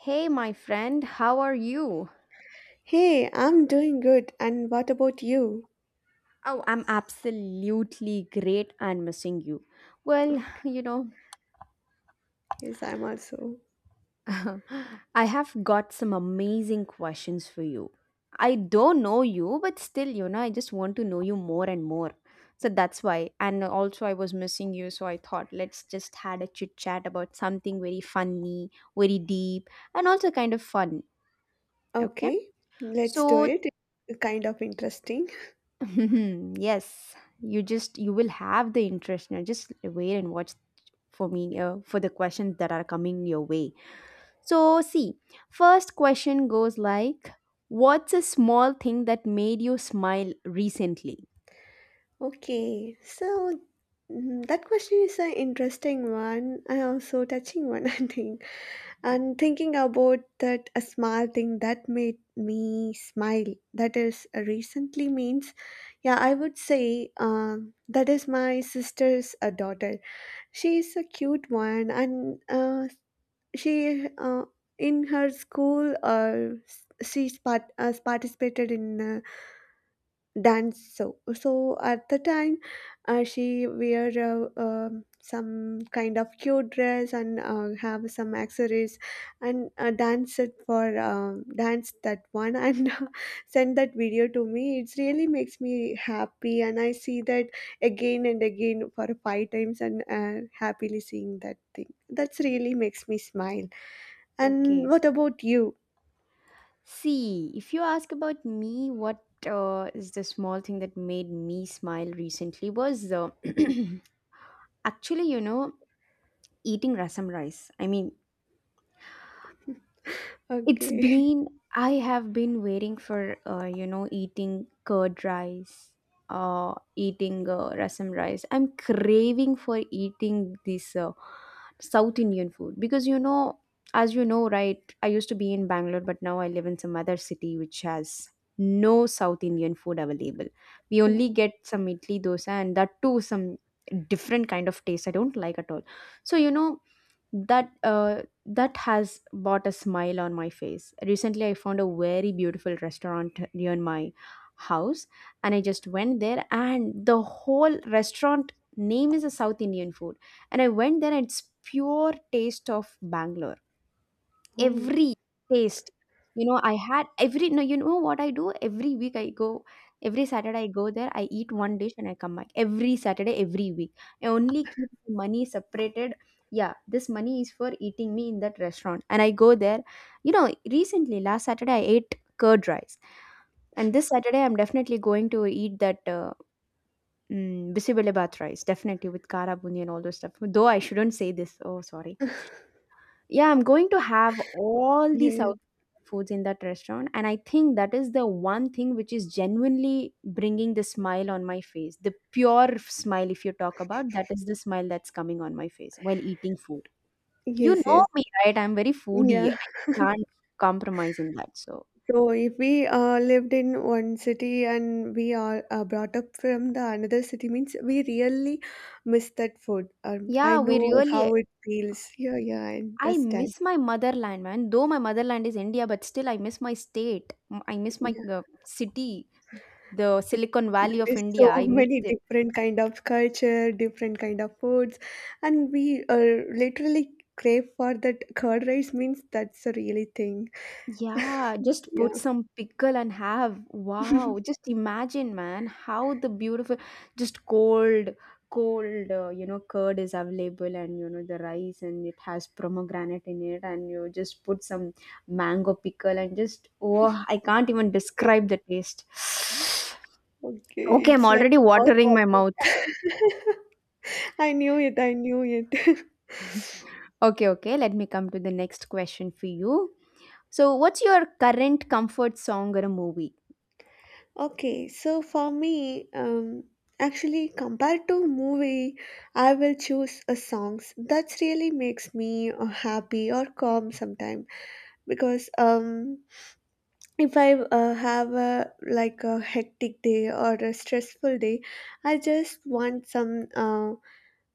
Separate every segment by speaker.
Speaker 1: Hey, my friend, how are you?
Speaker 2: Hey, I'm doing good. And what about you?
Speaker 1: Oh, I'm absolutely great and missing you. Well,
Speaker 2: Yes, I'm also.
Speaker 1: I have got some amazing questions for you. I don't know you, but still, I just want to know you more and more. So that's why. And also, I was missing you, so I thought let's just had a chit chat about something very funny, very deep, and also kind of fun. Okay.
Speaker 2: Okay, let's do
Speaker 1: So
Speaker 2: it. It's kind of interesting.
Speaker 1: yes, you will have the interest. Now just wait and watch for me, for the questions that are coming your way. So see, first question goes like, what's a small thing that made you smile recently?
Speaker 2: Okay, so that question is an interesting one and also touching one, I think. And thinking about that a small thing that made me smile, that is recently means, yeah, I would say that is my sister's daughter. She is a cute one and she in her school she's participated in dance so at the time she wear some kind of cute dress and have some accessories and danced for dance that one and send that video to me. It really makes me happy and I see that again and again for five times and happily seeing that thing that's really makes me smile. And
Speaker 1: Okay.
Speaker 2: what about you?
Speaker 1: See, if you ask about me, what is the small thing that made me smile recently was, actually, eating rasam rice. I mean, it's
Speaker 2: Okay.
Speaker 1: been, I have been waiting for, eating curd rice, eating, rasam rice. I'm craving for eating this, South Indian food. Because you know, as you know, right? I used to be in Bangalore, but now I live in some other city which has no South Indian food available. We only
Speaker 2: Oh,
Speaker 1: get some idli dosa, and that too some different kind of taste I don't like at all. So you know that, that has brought a smile on my face. Recently I found a very beautiful restaurant near my house, and I just went there, and the whole restaurant name is a South Indian food. And I went there and it's pure taste of Bangalore.
Speaker 2: oh,
Speaker 1: Every taste, you know I had every no you know what I do every week, I go, every Saturday I go there, I eat one dish and I come back every Saturday, every week. I only keep the money separated. Yeah, this money is for eating me in that restaurant, and I go there. You know, recently last Saturday I ate curd rice, and this Saturday I'm definitely going to eat that, bisibele bath rice, definitely with kara bundi and all those stuff, though I shouldn't say this. Oh, sorry. Yeah, I'm going to have all
Speaker 2: yeah,
Speaker 1: the
Speaker 2: yeah.
Speaker 1: South foods in that restaurant. And I think that is the one thing which is genuinely bringing the smile on my face. The pure smile, if you talk about, that is the smile that's coming on my face while eating food. You
Speaker 2: Yes,
Speaker 1: know
Speaker 2: yes.
Speaker 1: me, right? I'm very foodie.
Speaker 2: Yeah.
Speaker 1: I can't compromise in that. So,
Speaker 2: So if we lived in one city and we are brought up from the another city means we really miss that food. I
Speaker 1: yeah, we
Speaker 2: know how
Speaker 1: really.
Speaker 2: it feels. Yeah, yeah, I
Speaker 1: I
Speaker 2: understand.
Speaker 1: miss my motherland, man. Though my motherland is India, but still I miss my state. I miss my,
Speaker 2: Yeah,
Speaker 1: city, the
Speaker 2: yeah.
Speaker 1: Silicon Valley
Speaker 2: There
Speaker 1: of
Speaker 2: is
Speaker 1: India.
Speaker 2: so
Speaker 1: I miss
Speaker 2: many
Speaker 1: it.
Speaker 2: different kind of culture, different kind of foods, and we literally crave for that curd rice means that's a really thing.
Speaker 1: Yeah, just put
Speaker 2: Yeah.
Speaker 1: some pickle and have. Wow, just imagine, man, how the beautiful, just cold, cold, you know, curd is available and, you know, the rice, and it has pomegranate in it, and you just put some mango pickle and just, oh, I can't even describe the taste.
Speaker 2: Okay,
Speaker 1: Okay, I'm
Speaker 2: it's like
Speaker 1: already
Speaker 2: a
Speaker 1: watering my
Speaker 2: mouth-watering.
Speaker 1: mouth.
Speaker 2: I knew it, I knew it.
Speaker 1: Okay, okay, let me come to the next question for you. So, what's your current comfort song or a movie?
Speaker 2: For me, actually, compared to movie, I will choose a songs that really makes me happy or calm sometime. Because if I have a like a hectic day or a stressful day, I just want some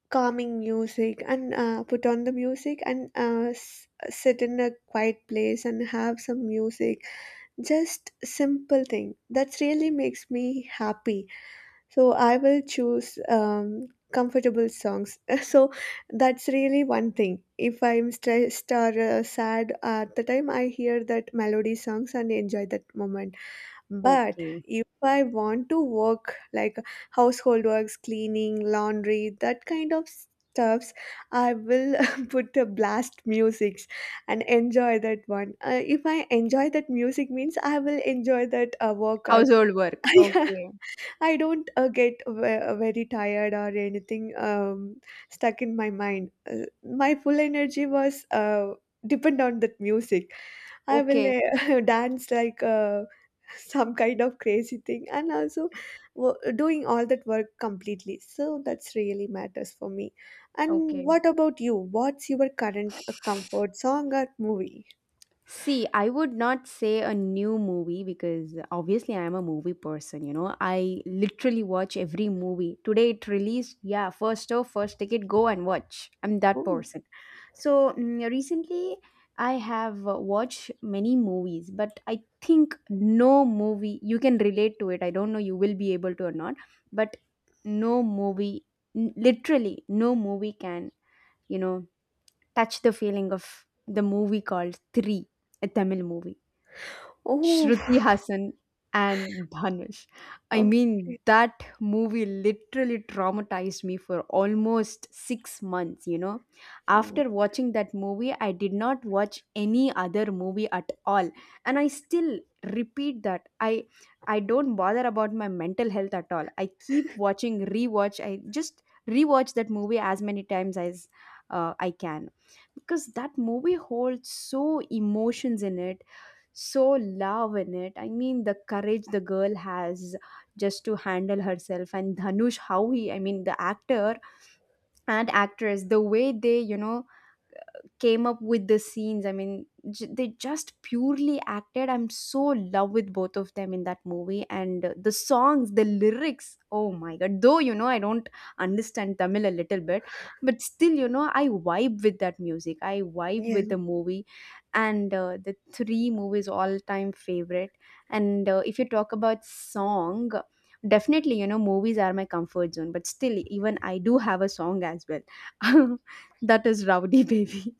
Speaker 2: calming music and put on the music and sit in a quiet place and have some music, just simple thing that really makes me happy. So I will choose comfortable songs. So that's really one thing. If I'm stressed or sad at the time, I hear that melody songs and enjoy that moment. But
Speaker 1: Okay.
Speaker 2: if I want to work like household works, cleaning, laundry, that kind of stuffs, I will put a blast music and enjoy that one. If I enjoy that music means I will enjoy that work also.
Speaker 1: Household work.
Speaker 2: Yeah,
Speaker 1: Okay.
Speaker 2: I don't get very tired or anything stuck in my mind. My full energy was depend on that music. I will
Speaker 1: Okay,
Speaker 2: dance like some kind of crazy thing and also doing all that work completely. So that's really matters for me. And
Speaker 1: okay.
Speaker 2: what about you? What's your current comfort song or movie?
Speaker 1: See, I would not say a new movie because obviously I am a movie person, you know. I literally watch every movie. Today it released, yeah, first show, first ticket, go and watch. I'm that
Speaker 2: Oh,
Speaker 1: person. So, recently I have, watched many movies, but I think no movie, you can relate to it. I don't know you will be able to or not, but no movie, literally no movie can, you know, touch the feeling of the movie called Three, a Tamil movie.
Speaker 2: oh,
Speaker 1: Shruti Hassan and Dhanush. I mean,
Speaker 2: okay.
Speaker 1: that movie literally traumatized me for almost 6 months, you know.
Speaker 2: Oh my.
Speaker 1: After watching that movie, I did not watch any other movie at all. And I still repeat that. I don't bother about my mental health at all. I keep watching, rewatch. I just rewatch that movie as many times as, I can, because that movie holds so emotions in it, so love in it. I mean, the courage the girl has just to handle herself, and Dhanush, how he, I mean, the actor and actress, the way they, you know, came up with the scenes. I mean, they just purely acted. I'm so in love with both of them in that movie. And, the songs, the lyrics, oh my god, though you know I don't understand Tamil a little bit, but still, you know, I vibe with that music, I vibe
Speaker 2: Yeah.
Speaker 1: with the movie. And, the Three movie's all time favorite. And, if you talk about song, definitely, you know, movies are my comfort zone, but still even I do have a song as well. That is Rowdy Baby.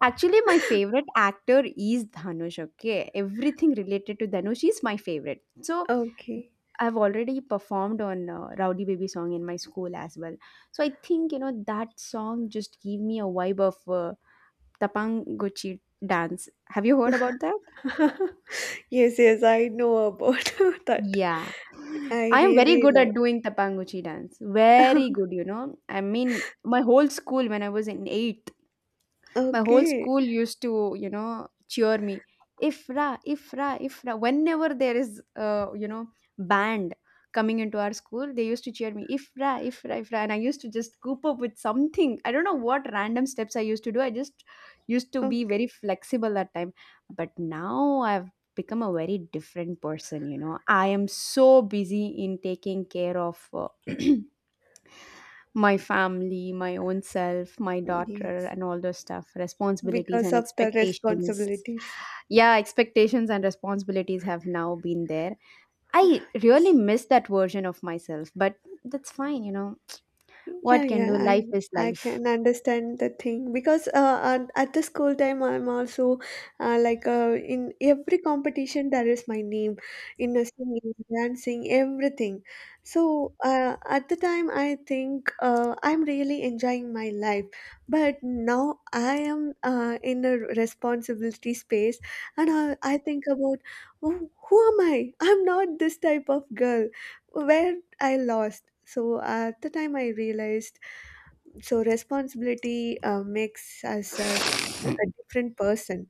Speaker 1: Actually, my favorite actor is Dhanush. Okay, everything related to Dhanush is my favorite. So
Speaker 2: Okay.
Speaker 1: I've already performed on, Rowdy Baby song in my school as well. So I think you know that song just gave me a vibe of, Tapanguchi dance. Have you heard about that?
Speaker 2: Yes, yes, I know about that.
Speaker 1: Yeah.
Speaker 2: I
Speaker 1: I am very
Speaker 2: really
Speaker 1: good
Speaker 2: love.
Speaker 1: at doing Tapanguchi dance. Very good, you know. I mean, my whole school, when I was in eighth, my whole
Speaker 2: Okay.
Speaker 1: school used to, you know, cheer me ifra, ifra, ifra whenever there is, you know, band coming into our school, they used to cheer me ifra, ifra, ifra, and I used to just coop up with something. I don't know what random steps I used to do. I just used to be
Speaker 2: Okay.
Speaker 1: very flexible that time, but now I've become a very different person. You know, I am so busy in taking care of, my family, my own self, my daughter,
Speaker 2: Yes.
Speaker 1: and all those stuff, responsibilities
Speaker 2: Because
Speaker 1: and
Speaker 2: of the
Speaker 1: expectations.
Speaker 2: responsibilities.
Speaker 1: Yeah, expectations and responsibilities have now been there. I really
Speaker 2: Yes.
Speaker 1: miss that version of myself, but that's fine, you know.
Speaker 2: Yeah,
Speaker 1: What can
Speaker 2: yeah,
Speaker 1: do? Life
Speaker 2: I
Speaker 1: is
Speaker 2: I
Speaker 1: life.
Speaker 2: can understand the thing because at the school time I'm also like in every competition there is my name in a singing, dancing, everything. So at the time I think I'm really enjoying my life, but now I am in a responsibility space, and I think about oh, who am I? I'm not this type of girl where I lost. So at the time, I realized so responsibility makes us a different person,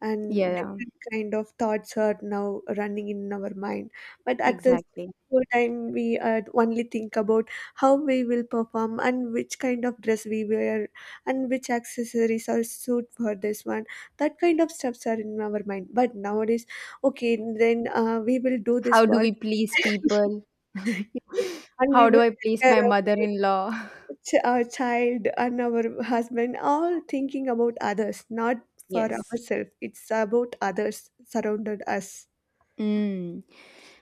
Speaker 2: and
Speaker 1: Yeah,
Speaker 2: different kind of thoughts are now running in our mind. But at the
Speaker 1: exactly.
Speaker 2: whole time, we only think about how we will perform and which kind of dress we wear and which accessories are suit for this one. That kind of steps are in our mind. But nowadays, okay, then we will do this
Speaker 1: How do we
Speaker 2: work.
Speaker 1: please people?
Speaker 2: Yes, and we
Speaker 1: How do
Speaker 2: would
Speaker 1: I
Speaker 2: take
Speaker 1: please my
Speaker 2: care of
Speaker 1: mother in law?
Speaker 2: our child and our husband, all thinking about others, not for
Speaker 1: Yes.
Speaker 2: ourselves. It's about others surrounded us.
Speaker 1: Mm.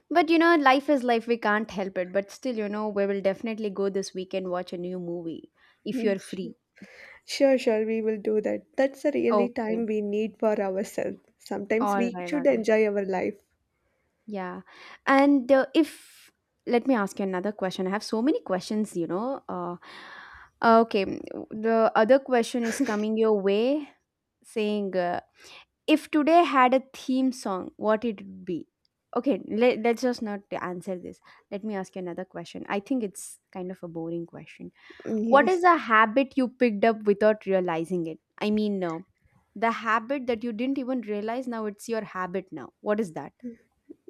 Speaker 1: But you know, life is life. We can't help it. But still, you know, we will definitely go this weekend watch a new movie if
Speaker 2: Mm,
Speaker 1: you're free.
Speaker 2: sure, sure, we will do that. That's the really time
Speaker 1: Okay.
Speaker 2: we need for ourselves. Sometimes
Speaker 1: All
Speaker 2: we
Speaker 1: right. All
Speaker 2: should
Speaker 1: right.
Speaker 2: enjoy our life.
Speaker 1: Yeah. And, if let me ask you another question. I have so many questions. You know. Okay. The other question is coming your way, saying, "If today had a theme song, what it would be." Okay. Let's just not answer this. Let me ask you another question. I think it's kind of a boring question.
Speaker 2: Hmm,
Speaker 1: What
Speaker 2: yes.
Speaker 1: is a habit you picked up without realizing it? I mean, no. The habit that you didn't even realize now it's your habit now. What is that?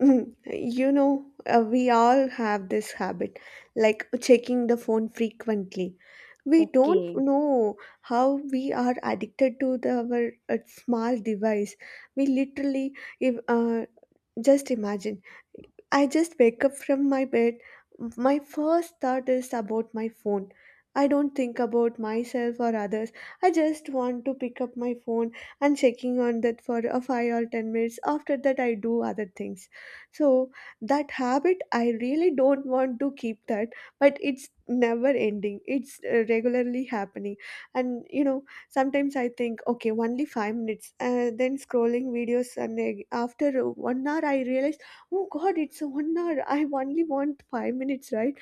Speaker 2: Mm, you know, we all have this habit, like checking the phone frequently. We don't
Speaker 1: Okay.
Speaker 2: know how we are addicted to our small device. We literally, if just imagine I just wake up from my bed. My first thought is about my phone. I don't think about myself or others. I just want to pick up my phone and checking on that for a 5 or 10 minutes. After that I do other things. So that habit I really don't want to keep that, but it's never ending. It's regularly happening. And you know, sometimes I think okay, only 5 minutes. Then scrolling videos and after 1 hour I realize, oh God, it's a 1 hour. I only want 5 minutes, right?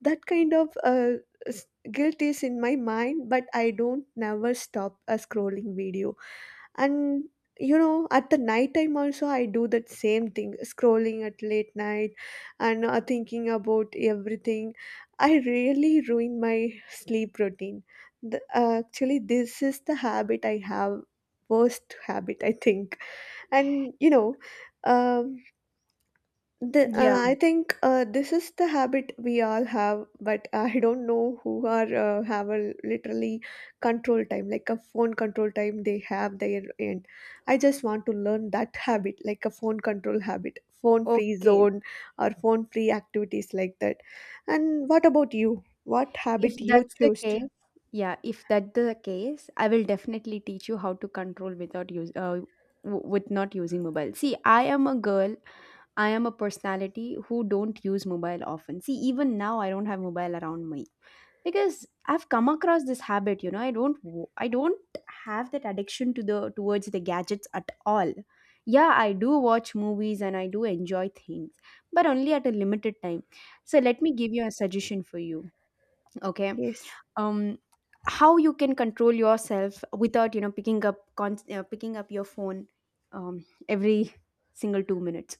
Speaker 2: That kind of s- guilt is in my mind, but I don't never stop a scrolling video. And you know, at the night time also, I do that same thing, scrolling at late night and thinking about everything. I really ruin my sleep routine. Actually, this is the habit I have, worst habit I think. And you know. Um,
Speaker 1: Yeah.
Speaker 2: I think this is the habit we all have, but I don't know who are have a literally control time, like a phone control time they have their end. I just want to learn that habit, like a phone control habit, phone free
Speaker 1: Okay.
Speaker 2: zone or phone free activities like that. And what about you? What
Speaker 1: If
Speaker 2: habit you
Speaker 1: that's the
Speaker 2: choose?
Speaker 1: case, yeah, if that's the case, I will definitely teach you how to control without with not using mobile. See, I am a girl. I am a personality who don't use mobile often. See, even now I don't have mobile around me, because I've come across this habit. You know, I don't have that addiction to the towards the gadgets at all. Yeah, I do watch movies and I do enjoy things, but only at a limited time. So let me give you a suggestion for you. Okay.
Speaker 2: Yes,
Speaker 1: Um, how you can control yourself without, you know, picking up con- picking up your phone, um, every single 2 minutes.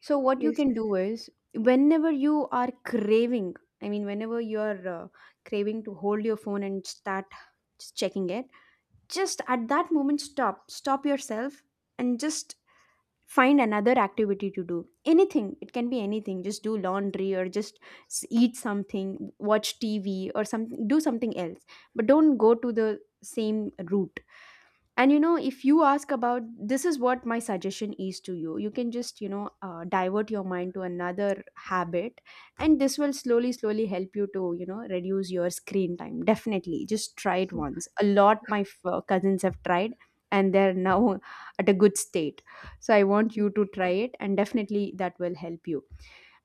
Speaker 1: So what you
Speaker 2: yes,
Speaker 1: can do is, whenever you are craving, I mean, whenever you are, craving to hold your phone and start just checking it, just at that moment stop yourself, and just find another activity to do. Anything, it can be anything. Just do laundry, or just eat something, watch TV, or some do something else. But don't go to the same route. And you know, if you ask about, this is what my suggestion is to you. You can just, you know, divert your mind to another habit, and this will slowly slowly help you to, you know, reduce your screen time. Definitely just try it once. A lot my cousins have tried, and they're now at a good state. So I want
Speaker 2: mm,
Speaker 1: you to try it, and definitely that will help you.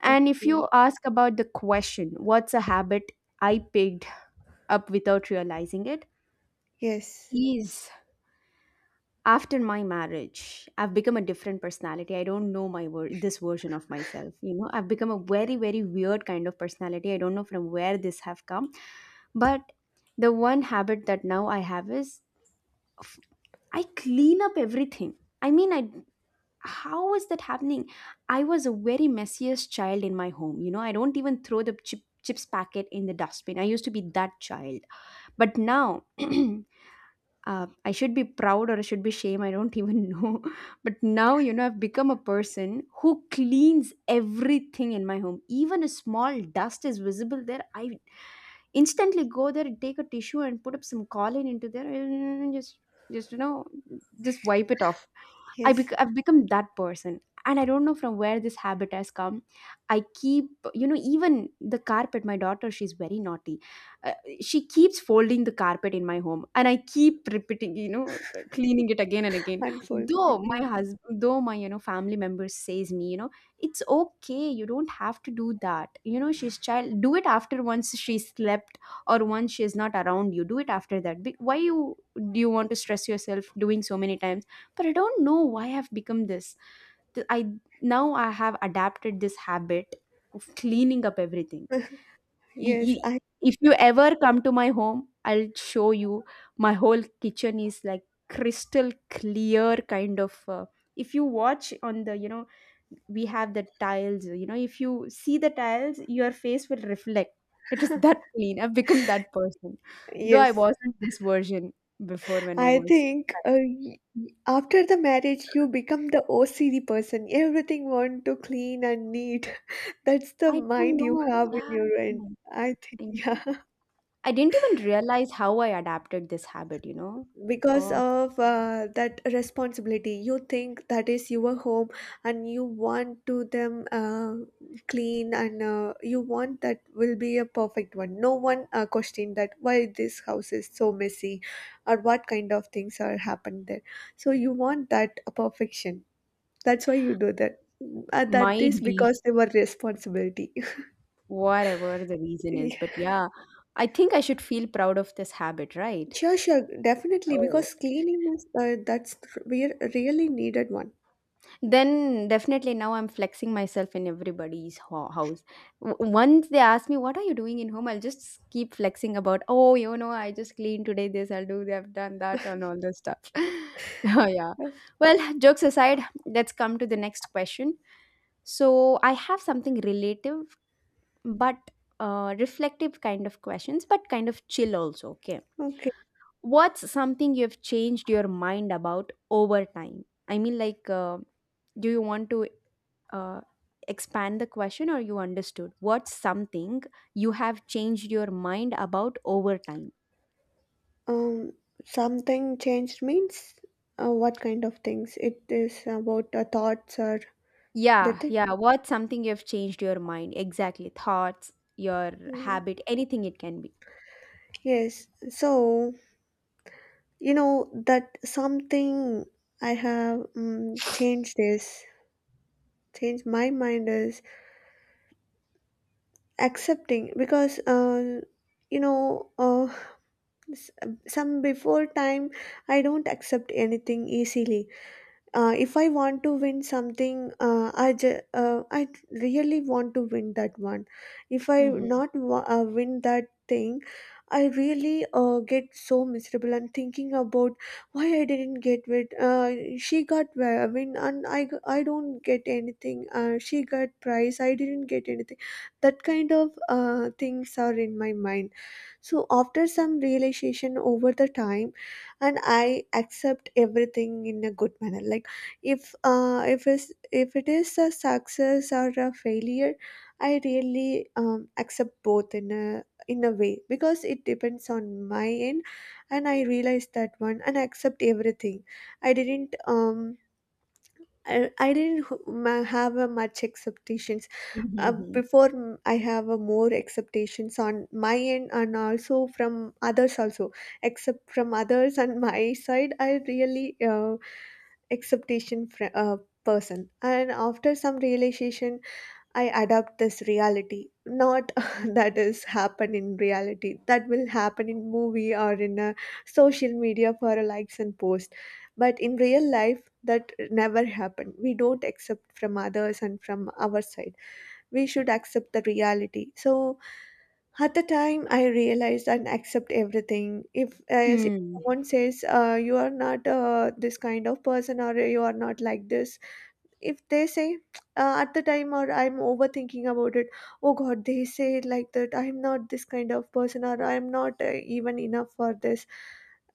Speaker 1: And if you
Speaker 2: okay,
Speaker 1: ask about the question, what's a habit I picked up without realizing it,
Speaker 2: yes,
Speaker 1: is, after my marriage, I've become a different personality. I don't know my word, this version of myself. You know, I've become a very, very weird kind of personality. I don't know from where this have come, but the one habit that now I have is, f- I clean up everything. I mean, I, how is that happening? I was a very messiest child in my home. You know, I don't even throw the chips packet in the dustbin. I used to be that child, but now. I should be proud or I should be shame. I don't even know. But now, I've become a person who cleans everything in my home. Even a small dust is visible there. I instantly go there and take a tissue and put up some pollen into there and just you know, just wipe it off.
Speaker 2: yes,
Speaker 1: I've become that person. And I don't know from where this habit has come. I keep, you know, even the carpet. My daughter, she's very naughty. Uh, she keeps folding the carpet in my home and I keep repeating, you know, cleaning it again and again.
Speaker 2: unfold.
Speaker 1: Though
Speaker 2: Yeah.
Speaker 1: my husband, though my, you know, family member says me, you know, it's okay. You don't have to do that. You know, she's child. Do it after once she slept or once she is not around you. Do it after that. Be- why you do you want to stress yourself doing so many times? But I don't know why I've become this. Th- I now I have adapted this habit of cleaning up everything. Y-
Speaker 2: Yes,
Speaker 1: y-
Speaker 2: I
Speaker 1: if you ever come to my home, I'll show you. My whole kitchen is like crystal clear kind of. If you watch on the, you know, we have the tiles. You know, if you see the tiles, your face will reflect. It is that clean. I've become that person, though I
Speaker 2: yes.
Speaker 1: wasn't this version before when I
Speaker 2: I
Speaker 1: was.
Speaker 2: think after the marriage, you become the OCD person. Everything want to clean and neat. That's the
Speaker 1: Like, I don't
Speaker 2: mind you
Speaker 1: know.
Speaker 2: have in
Speaker 1: Yeah, I
Speaker 2: your end.
Speaker 1: know.
Speaker 2: I think,
Speaker 1: I mean,
Speaker 2: yeah,
Speaker 1: I didn't even realize how I adapted this habit. You know,
Speaker 2: because
Speaker 1: oh,
Speaker 2: of that responsibility, you think that is your home, and you want to them clean, and you want that will be a perfect one. No one question that why this house is so messy, or what kind of things are happened there. So you want that perfection. That's why you do that. That is
Speaker 1: might be
Speaker 2: because they were responsibility.
Speaker 1: whatever the reason is,
Speaker 2: Yeah.
Speaker 1: but yeah, I think I should feel proud of this habit, right?
Speaker 2: Sure, sure, definitely.
Speaker 1: Oh,
Speaker 2: Because cleaning is that's we really needed one.
Speaker 1: then definitely now I'm flexing myself in everybody's house. Once they ask me, what are you doing in home? I'll just keep flexing about, oh, you know, I just cleaned today, this, I'll do, I've done that, and all this stuff. Oh, yeah. Well, jokes aside, let's come to the next question. So I have something relative, but reflective kind of questions, but kind of chill also. Okay.
Speaker 2: Okay.
Speaker 1: What's something you've changed your mind about over time? I mean, do you want to uh, expand the question or you understood? What's something you have changed your mind about over time?
Speaker 2: Um, Something changed means what kind of things? It is about the thoughts or the
Speaker 1: Yeah,
Speaker 2: thing.
Speaker 1: yeah. What's something you've changed your mind? Exactly. Thoughts, your
Speaker 2: Mm,
Speaker 1: habit, anything it can be.
Speaker 2: yes. So you know that something I have changed my mind is accepting. Because you know uh, s- some before time I don't accept anything easily. If I want to win something, I really want to win that one. If I
Speaker 1: Mhm.
Speaker 2: not win that thing, I really get so miserable and thinking about why I didn't get it. She got win and I don't get anything. She got prize. I didn't get anything. That kind of things are in my mind. So after some realization over the time, and I accept everything in a good manner. Like if if it is a success or a failure, I really accept both in a way because it depends on my end. And I realized that one and I accept everything. I didn't um I, I didn't have a much expectations
Speaker 1: Mhm, mhm.
Speaker 2: before. I have a more expectations on my end and also from others also, except from others and my side. I really expectation fr- uh, person, and after some realization I adapt this reality, not that is happen in reality. That will happen in movie or in a social media for a likes and post. But in real life, that never happened. We don't accept from others and from our side. We should accept the reality. So at the time, I realized and accept everything. If
Speaker 1: Hmm.
Speaker 2: someone says you are not this kind of person, or you are not like this, if they say at the time, or I'm overthinking about it. Oh god, they say it like that. I'm not this kind of person, or I'm not even enough for this.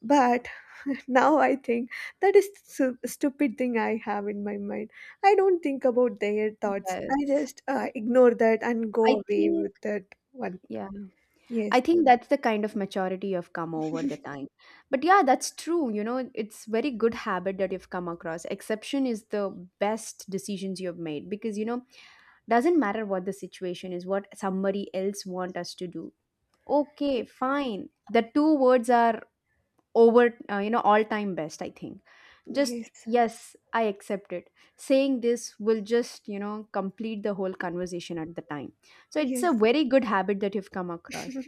Speaker 2: But now I think that is stupid thing I have in my mind. I don't think about their thoughts. I
Speaker 1: Yes.
Speaker 2: just ignore that and go
Speaker 1: I
Speaker 2: away
Speaker 1: think,
Speaker 2: with that one.
Speaker 1: yeah,
Speaker 2: Yes.
Speaker 1: I think that's the kind of maturity you've come over the time. But yeah, that's true. You know, it's very good habit that you've come across. Exception is the best decisions you've made because, you know, doesn't matter what the situation is, what somebody else want us to do. Okay,
Speaker 2: ex-
Speaker 1: fine. The two words are over you know all time best I think. Just
Speaker 2: yes.
Speaker 1: yes I accept it, saying this will just you know complete the whole conversation at the time. So it's a
Speaker 2: Yes,
Speaker 1: very good habit that you've come across.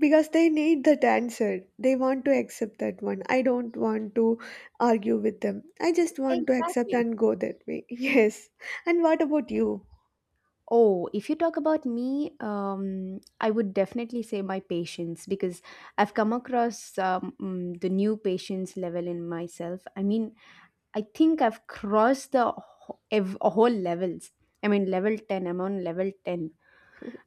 Speaker 2: because they need that answer. They want to accept that one. I don't want to argue with them. I just want to accept
Speaker 1: Exactly.
Speaker 2: and go that way. Yes. And what about you?
Speaker 1: Oh, if you talk about me, I would definitely say my patience, because I've come across the new patience level in myself. I mean, I think I've crossed the whole levels. I mean level 10. I'm on level 10.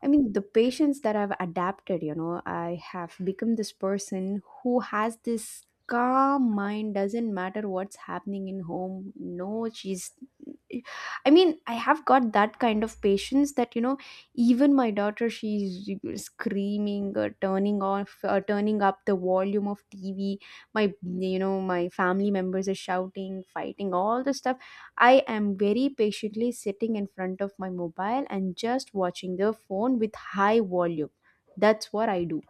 Speaker 1: I mean, the patience that I've adapted, you know, I have become this person who has this calm mind, doesn't matter what's happening in home. No, she's. I mean, I have got that kind of patience that, you know, even my daughter, she's screaming, or turning off, or turning up the volume of TV. My, you know, my family members are shouting, fighting, all the stuff. I am very patiently sitting in front of my mobile and just watching the phone with high volume. That's what I do.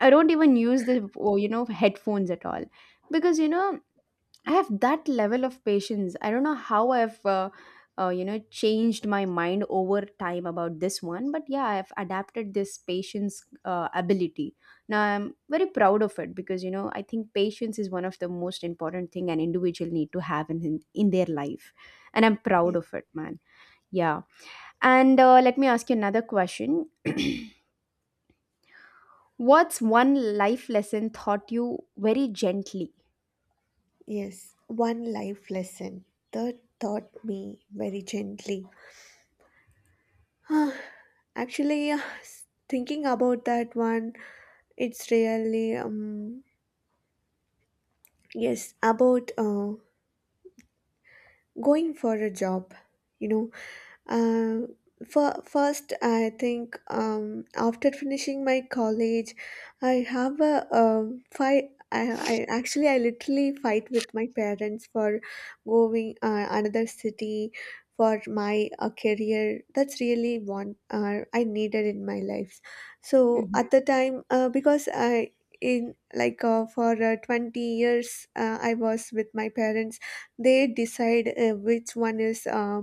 Speaker 1: I don't even use the oh, you know headphones at all, because you know I have that level of patience. I don't know how I've, you know, changed my mind over time about this one, but yeah, I've adapted this patience ability. Now I'm very proud of it because you know I think patience is one of the most important thing an individual need to have in their life, and I'm proud
Speaker 2: Ye-
Speaker 1: of it, man. Yeah, and let me ask you another question. What's one life lesson taught you very gently?
Speaker 2: yes, one life lesson that taught me very gently. Ah, actually, thinking about that one, it's really yes, about going for a job, you know. uh, for first, I think after finishing my college, I have a fight. I actually, I literally fight with my parents for going another city for my career. That's really one I needed in my life. So at
Speaker 1: Mhm.
Speaker 2: the time, because I, in like for 20 years, I was with my parents. They decide which one is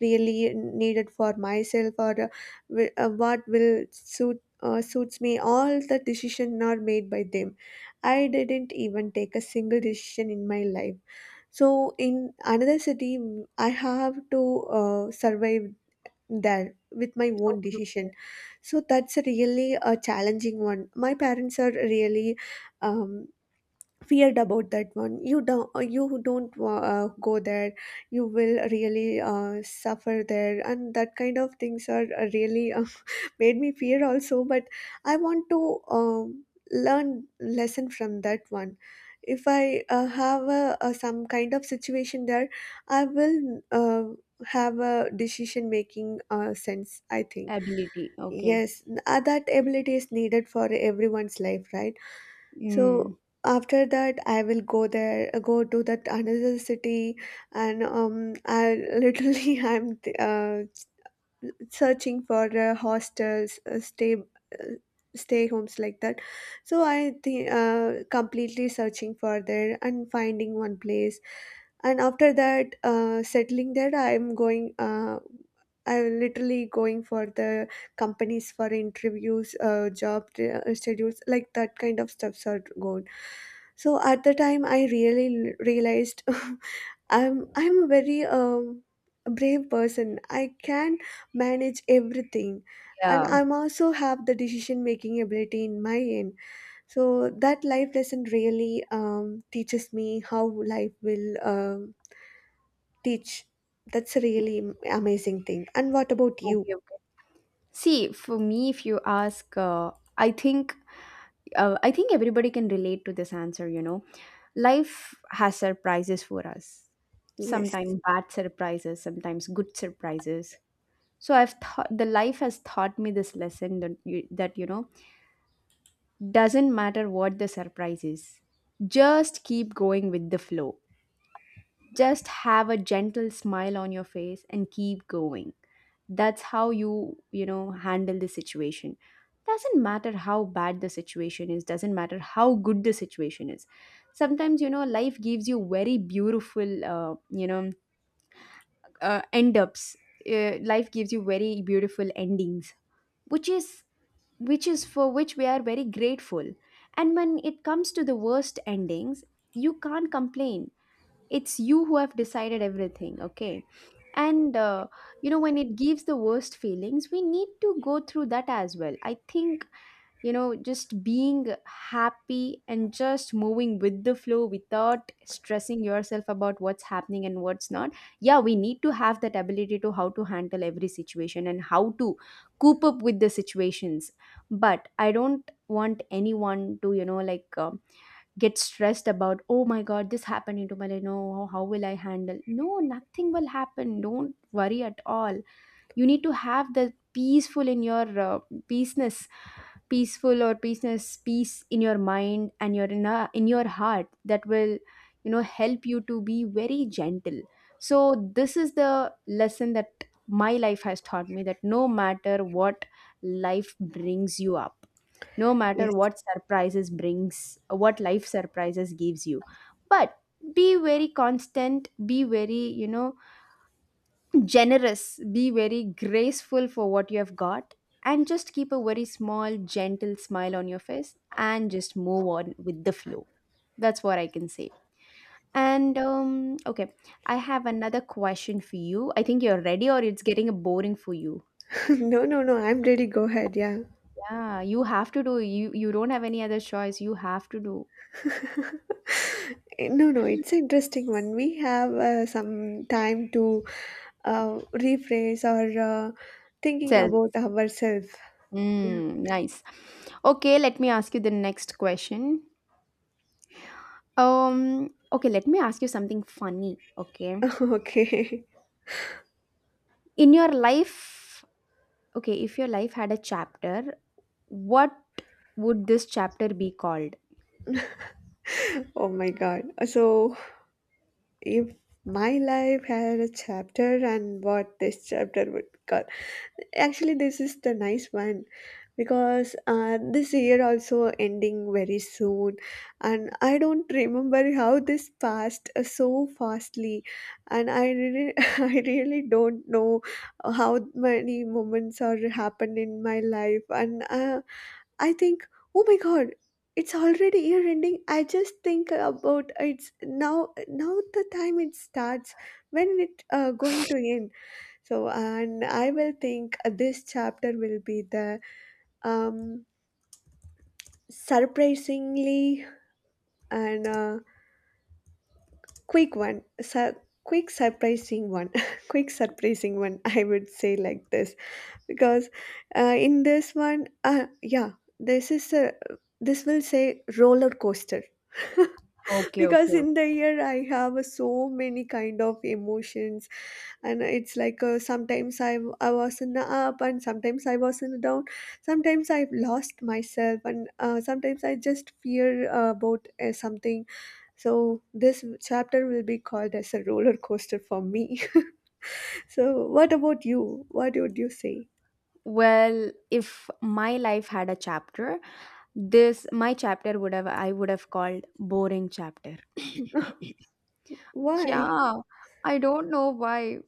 Speaker 2: really needed for myself, or what will suits me. All the decisions are made by them. I didn't even take a single decision in my life. So in another city, I have to survive there with my own
Speaker 1: Okay.
Speaker 2: decision. So that's really a challenging one. My parents are really um, feared about that one. You don't you don't go there, you will really suffer there, and that kind of things are really made me fear also. But I want to um, learn lesson from that one. If I have a some kind of situation there, I will uh, have a decision making sense, I think.
Speaker 1: Ability. Okay.
Speaker 2: Yes, that ability is needed for everyone's life, right? So
Speaker 1: Mm.
Speaker 2: after that, I will go there, go to that another city, and I literally I'm searching for hostels uh, stay homes, like that. So I think completely searching for there and finding one place. And after that, settling there, I'm going I'm literally going for the companies for interviews, job schedules, like that kind of stuffs are going. So at the time, I really realized I'm a very a brave person. I can manage everything, and
Speaker 1: Yeah.
Speaker 2: I'm also have the decision making ability in my end. So that life lesson really teaches me how life will teach. That's a really amazing thing. And what about you?
Speaker 1: Okay. Okay. See, for me, if you ask, I think everybody can relate to this answer. You know, life has surprises for us.
Speaker 2: Yes,
Speaker 1: Sometimes bad surprises, sometimes good surprises. So I've thought the life has taught me this lesson that you know doesn't matter what the surprise is, just keep going with the flow. Just have a gentle smile on your face and keep going. That's how you, you know, handle the situation. Doesn't matter how bad the situation is, doesn't matter how good the situation is. Sometimes, you know, life gives you very beautiful, end ups. Life gives you very beautiful endings, which is which is for which we are very grateful. And when it comes to the worst endings, you can't complain. It's you who have decided everything, okay? And you know when it gives the worst feelings we need to go through that as well. I think, you know, just being happy and just moving with the flow without stressing yourself about what's happening and what's not. Yeah, we need to have that ability to how to handle every situation and how to cope up with the situations. But I don't want anyone to you know get stressed about oh my god this happened into my life. No, how will I handle? No, nothing will happen, don't worry at all. You need to have the peaceful in your peaceness peaceness, peace in your mind and your in your heart. That will you know help you to be very gentle. So this is the lesson that my life has taught me, that no matter what life brings you up, no matter
Speaker 2: yes.
Speaker 1: what surprises brings, what life surprises gives you, but be very constant, be very you know generous, be very graceful for what you have got, and just keep a very small gentle smile on your face and just move on with the flow. That's what I can say. And okay, I have another question for you. I think you're ready or it's getting boring for you?
Speaker 2: No, no, no. I'm ready. Go ahead. Yeah.
Speaker 1: Yeah, you have to do. You don't have any other choice, you have to do.
Speaker 2: Eh, no, no, it's an interesting one. We have some time to rephrase, or thinking
Speaker 1: Self.
Speaker 2: about ourselves. Yeah.
Speaker 1: Mm, nice. Okay, let me ask you the next question. Um, okay, let me ask you something funny, okay?
Speaker 2: Okay.
Speaker 1: In your life, okay, if your life had a chapter, what would this chapter be called?
Speaker 2: Oh my God. So, if my life had a chapter, and what this chapter would call. Actually, this is the nice one, because this year also ending very soon, and I don't remember how this passed so fastly. And I really I really don't know how many moments are happened in my life. And I think, oh my god, it's already year ending. I just think about it's now the time it starts, when it going to end. So, and I will think this chapter will be the um surprisingly and quick one. Quick surprising one. Quick surprising one, I would say, like this. Because in this one, yeah, this is a, this will say roller coaster.
Speaker 1: Okay,
Speaker 2: Because
Speaker 1: okay,
Speaker 2: in
Speaker 1: okay.
Speaker 2: the year, I have so many kind of emotions. And it's like sometimes I was in the up, and sometimes I was in the down. Sometimes I've lost myself, and sometimes I just fear about something. So this chapter will be called as a roller coaster for me. So what about you? What would you say?
Speaker 1: Well, if my life had a chapter, This my chapter would have I would have called boring chapter.
Speaker 2: Why?
Speaker 1: Yeah, I don't know why.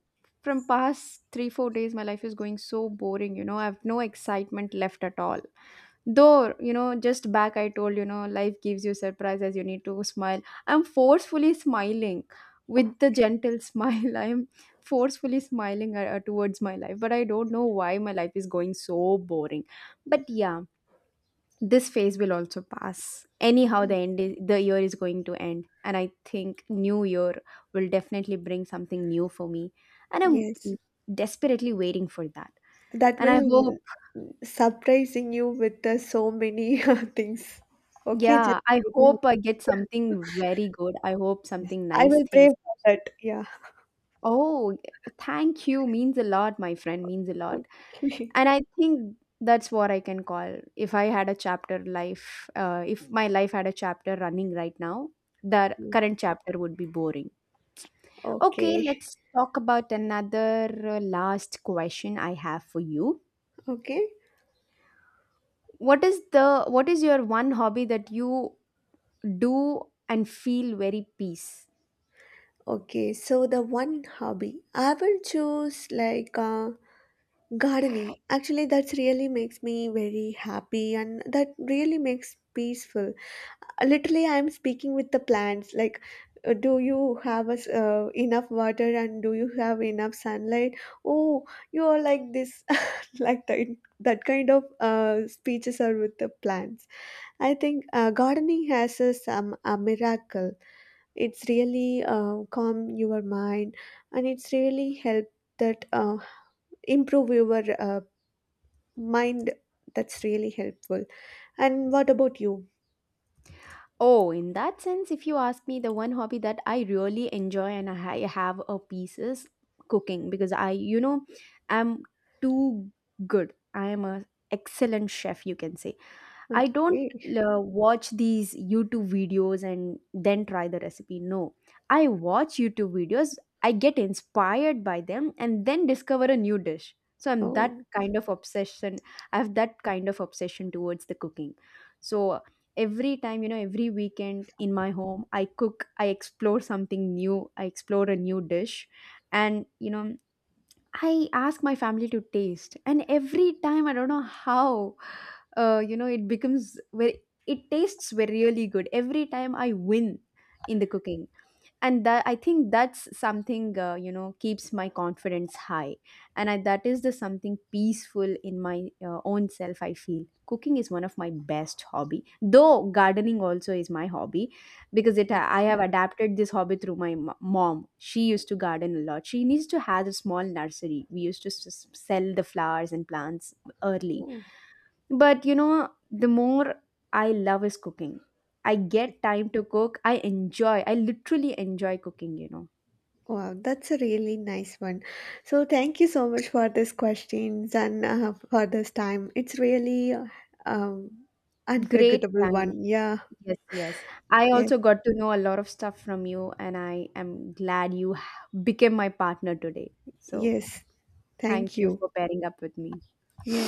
Speaker 1: From past three, 4 days, my life is going so boring, you know. I have no excitement left at all. Though, you know, just back I told, you know, life gives you surprises, you need to smile. I'm forcefully smiling
Speaker 2: Oh.
Speaker 1: with the gentle smile. I'm forcefully smiling towards my life, but I don't know why my life is going so boring. But yeah, this phase will also pass anyhow.
Speaker 2: Mm,
Speaker 1: The end is, the year is going to end, and I think new year will definitely bring something new for me, and
Speaker 2: yes,
Speaker 1: I'm desperately waiting for that,
Speaker 2: that
Speaker 1: and I
Speaker 2: will
Speaker 1: hope,
Speaker 2: surprising you with so many things. Okay, just
Speaker 1: yeah, I
Speaker 2: wait a minute.
Speaker 1: hope I get something very good. I hope
Speaker 2: Yes.
Speaker 1: something
Speaker 2: I
Speaker 1: nice
Speaker 2: will pray
Speaker 1: things.
Speaker 2: for that. Yeah.
Speaker 1: Oh, thank you, means a lot my friend, means a lot.
Speaker 2: Okay.
Speaker 1: And I think that's what I can call, if I had a chapter life if my life had a chapter running right now, the
Speaker 2: Okay,
Speaker 1: current chapter would be boring. Okay, let's talk about another, last question I have for you.
Speaker 2: okay,
Speaker 1: What is the what is your one hobby that you do and feel very peace?
Speaker 2: okay. So the one hobby I will choose, like, gardening. Actually, that's really makes me very happy, and that really makes peaceful. Literally, I'm speaking with the plants. Like, do you have us enough water, and do you have enough sunlight? Oh, you are like this, like that. That kind of speeches are with the plants. I think gardening has a, some a miracle. It's really calm your mind, and it's really help that improve your mind. That's really helpful. And what about you?
Speaker 1: Oh, in that sense, if you ask me, the one hobby that I really enjoy and I have a piece is cooking, because I, you know, I'm too good. I am a excellent chef, you can say. I don't
Speaker 2: Okay.
Speaker 1: watch these YouTube videos and then try the recipe. No, I watch YouTube videos, I get inspired by them, and then discover a new dish. So I'm that
Speaker 2: Oh,
Speaker 1: kind of obsession. I have that kind of obsession towards the cooking. So every time, you know, every weekend in my home, I cook, I explore something new, I explore a new dish. And, you know, I ask my family to taste, and every time I don't know how, you know, it becomes very. It tastes very really good, every time I win in the cooking. And that, I think that's something you know keeps my confidence high. And that is the something peaceful in my own self. I feel cooking is one of my best hobby, though gardening also is my hobby, because it
Speaker 2: it's
Speaker 1: I have adapted this hobby through my mom. She used to garden a lot. She needs to have a small nursery. We used to sell the flowers and plants early.
Speaker 2: oh,
Speaker 1: But you know, the more I love is cooking. I
Speaker 2: yes.
Speaker 1: get time to cook. I enjoy. I literally enjoy cooking, you know.
Speaker 2: Wow, that's a really nice one. So thank you so much for these questions, and for this time. It's really um,
Speaker 1: Great
Speaker 2: unforgettable one.
Speaker 1: time.
Speaker 2: Yeah.
Speaker 1: Yes, yes. I
Speaker 2: Yes,
Speaker 1: also got to know a lot of stuff from you, and I am glad you became my partner today. So,
Speaker 2: yes, thank
Speaker 1: thank you
Speaker 2: you.
Speaker 1: for pairing up with me.
Speaker 2: Yes.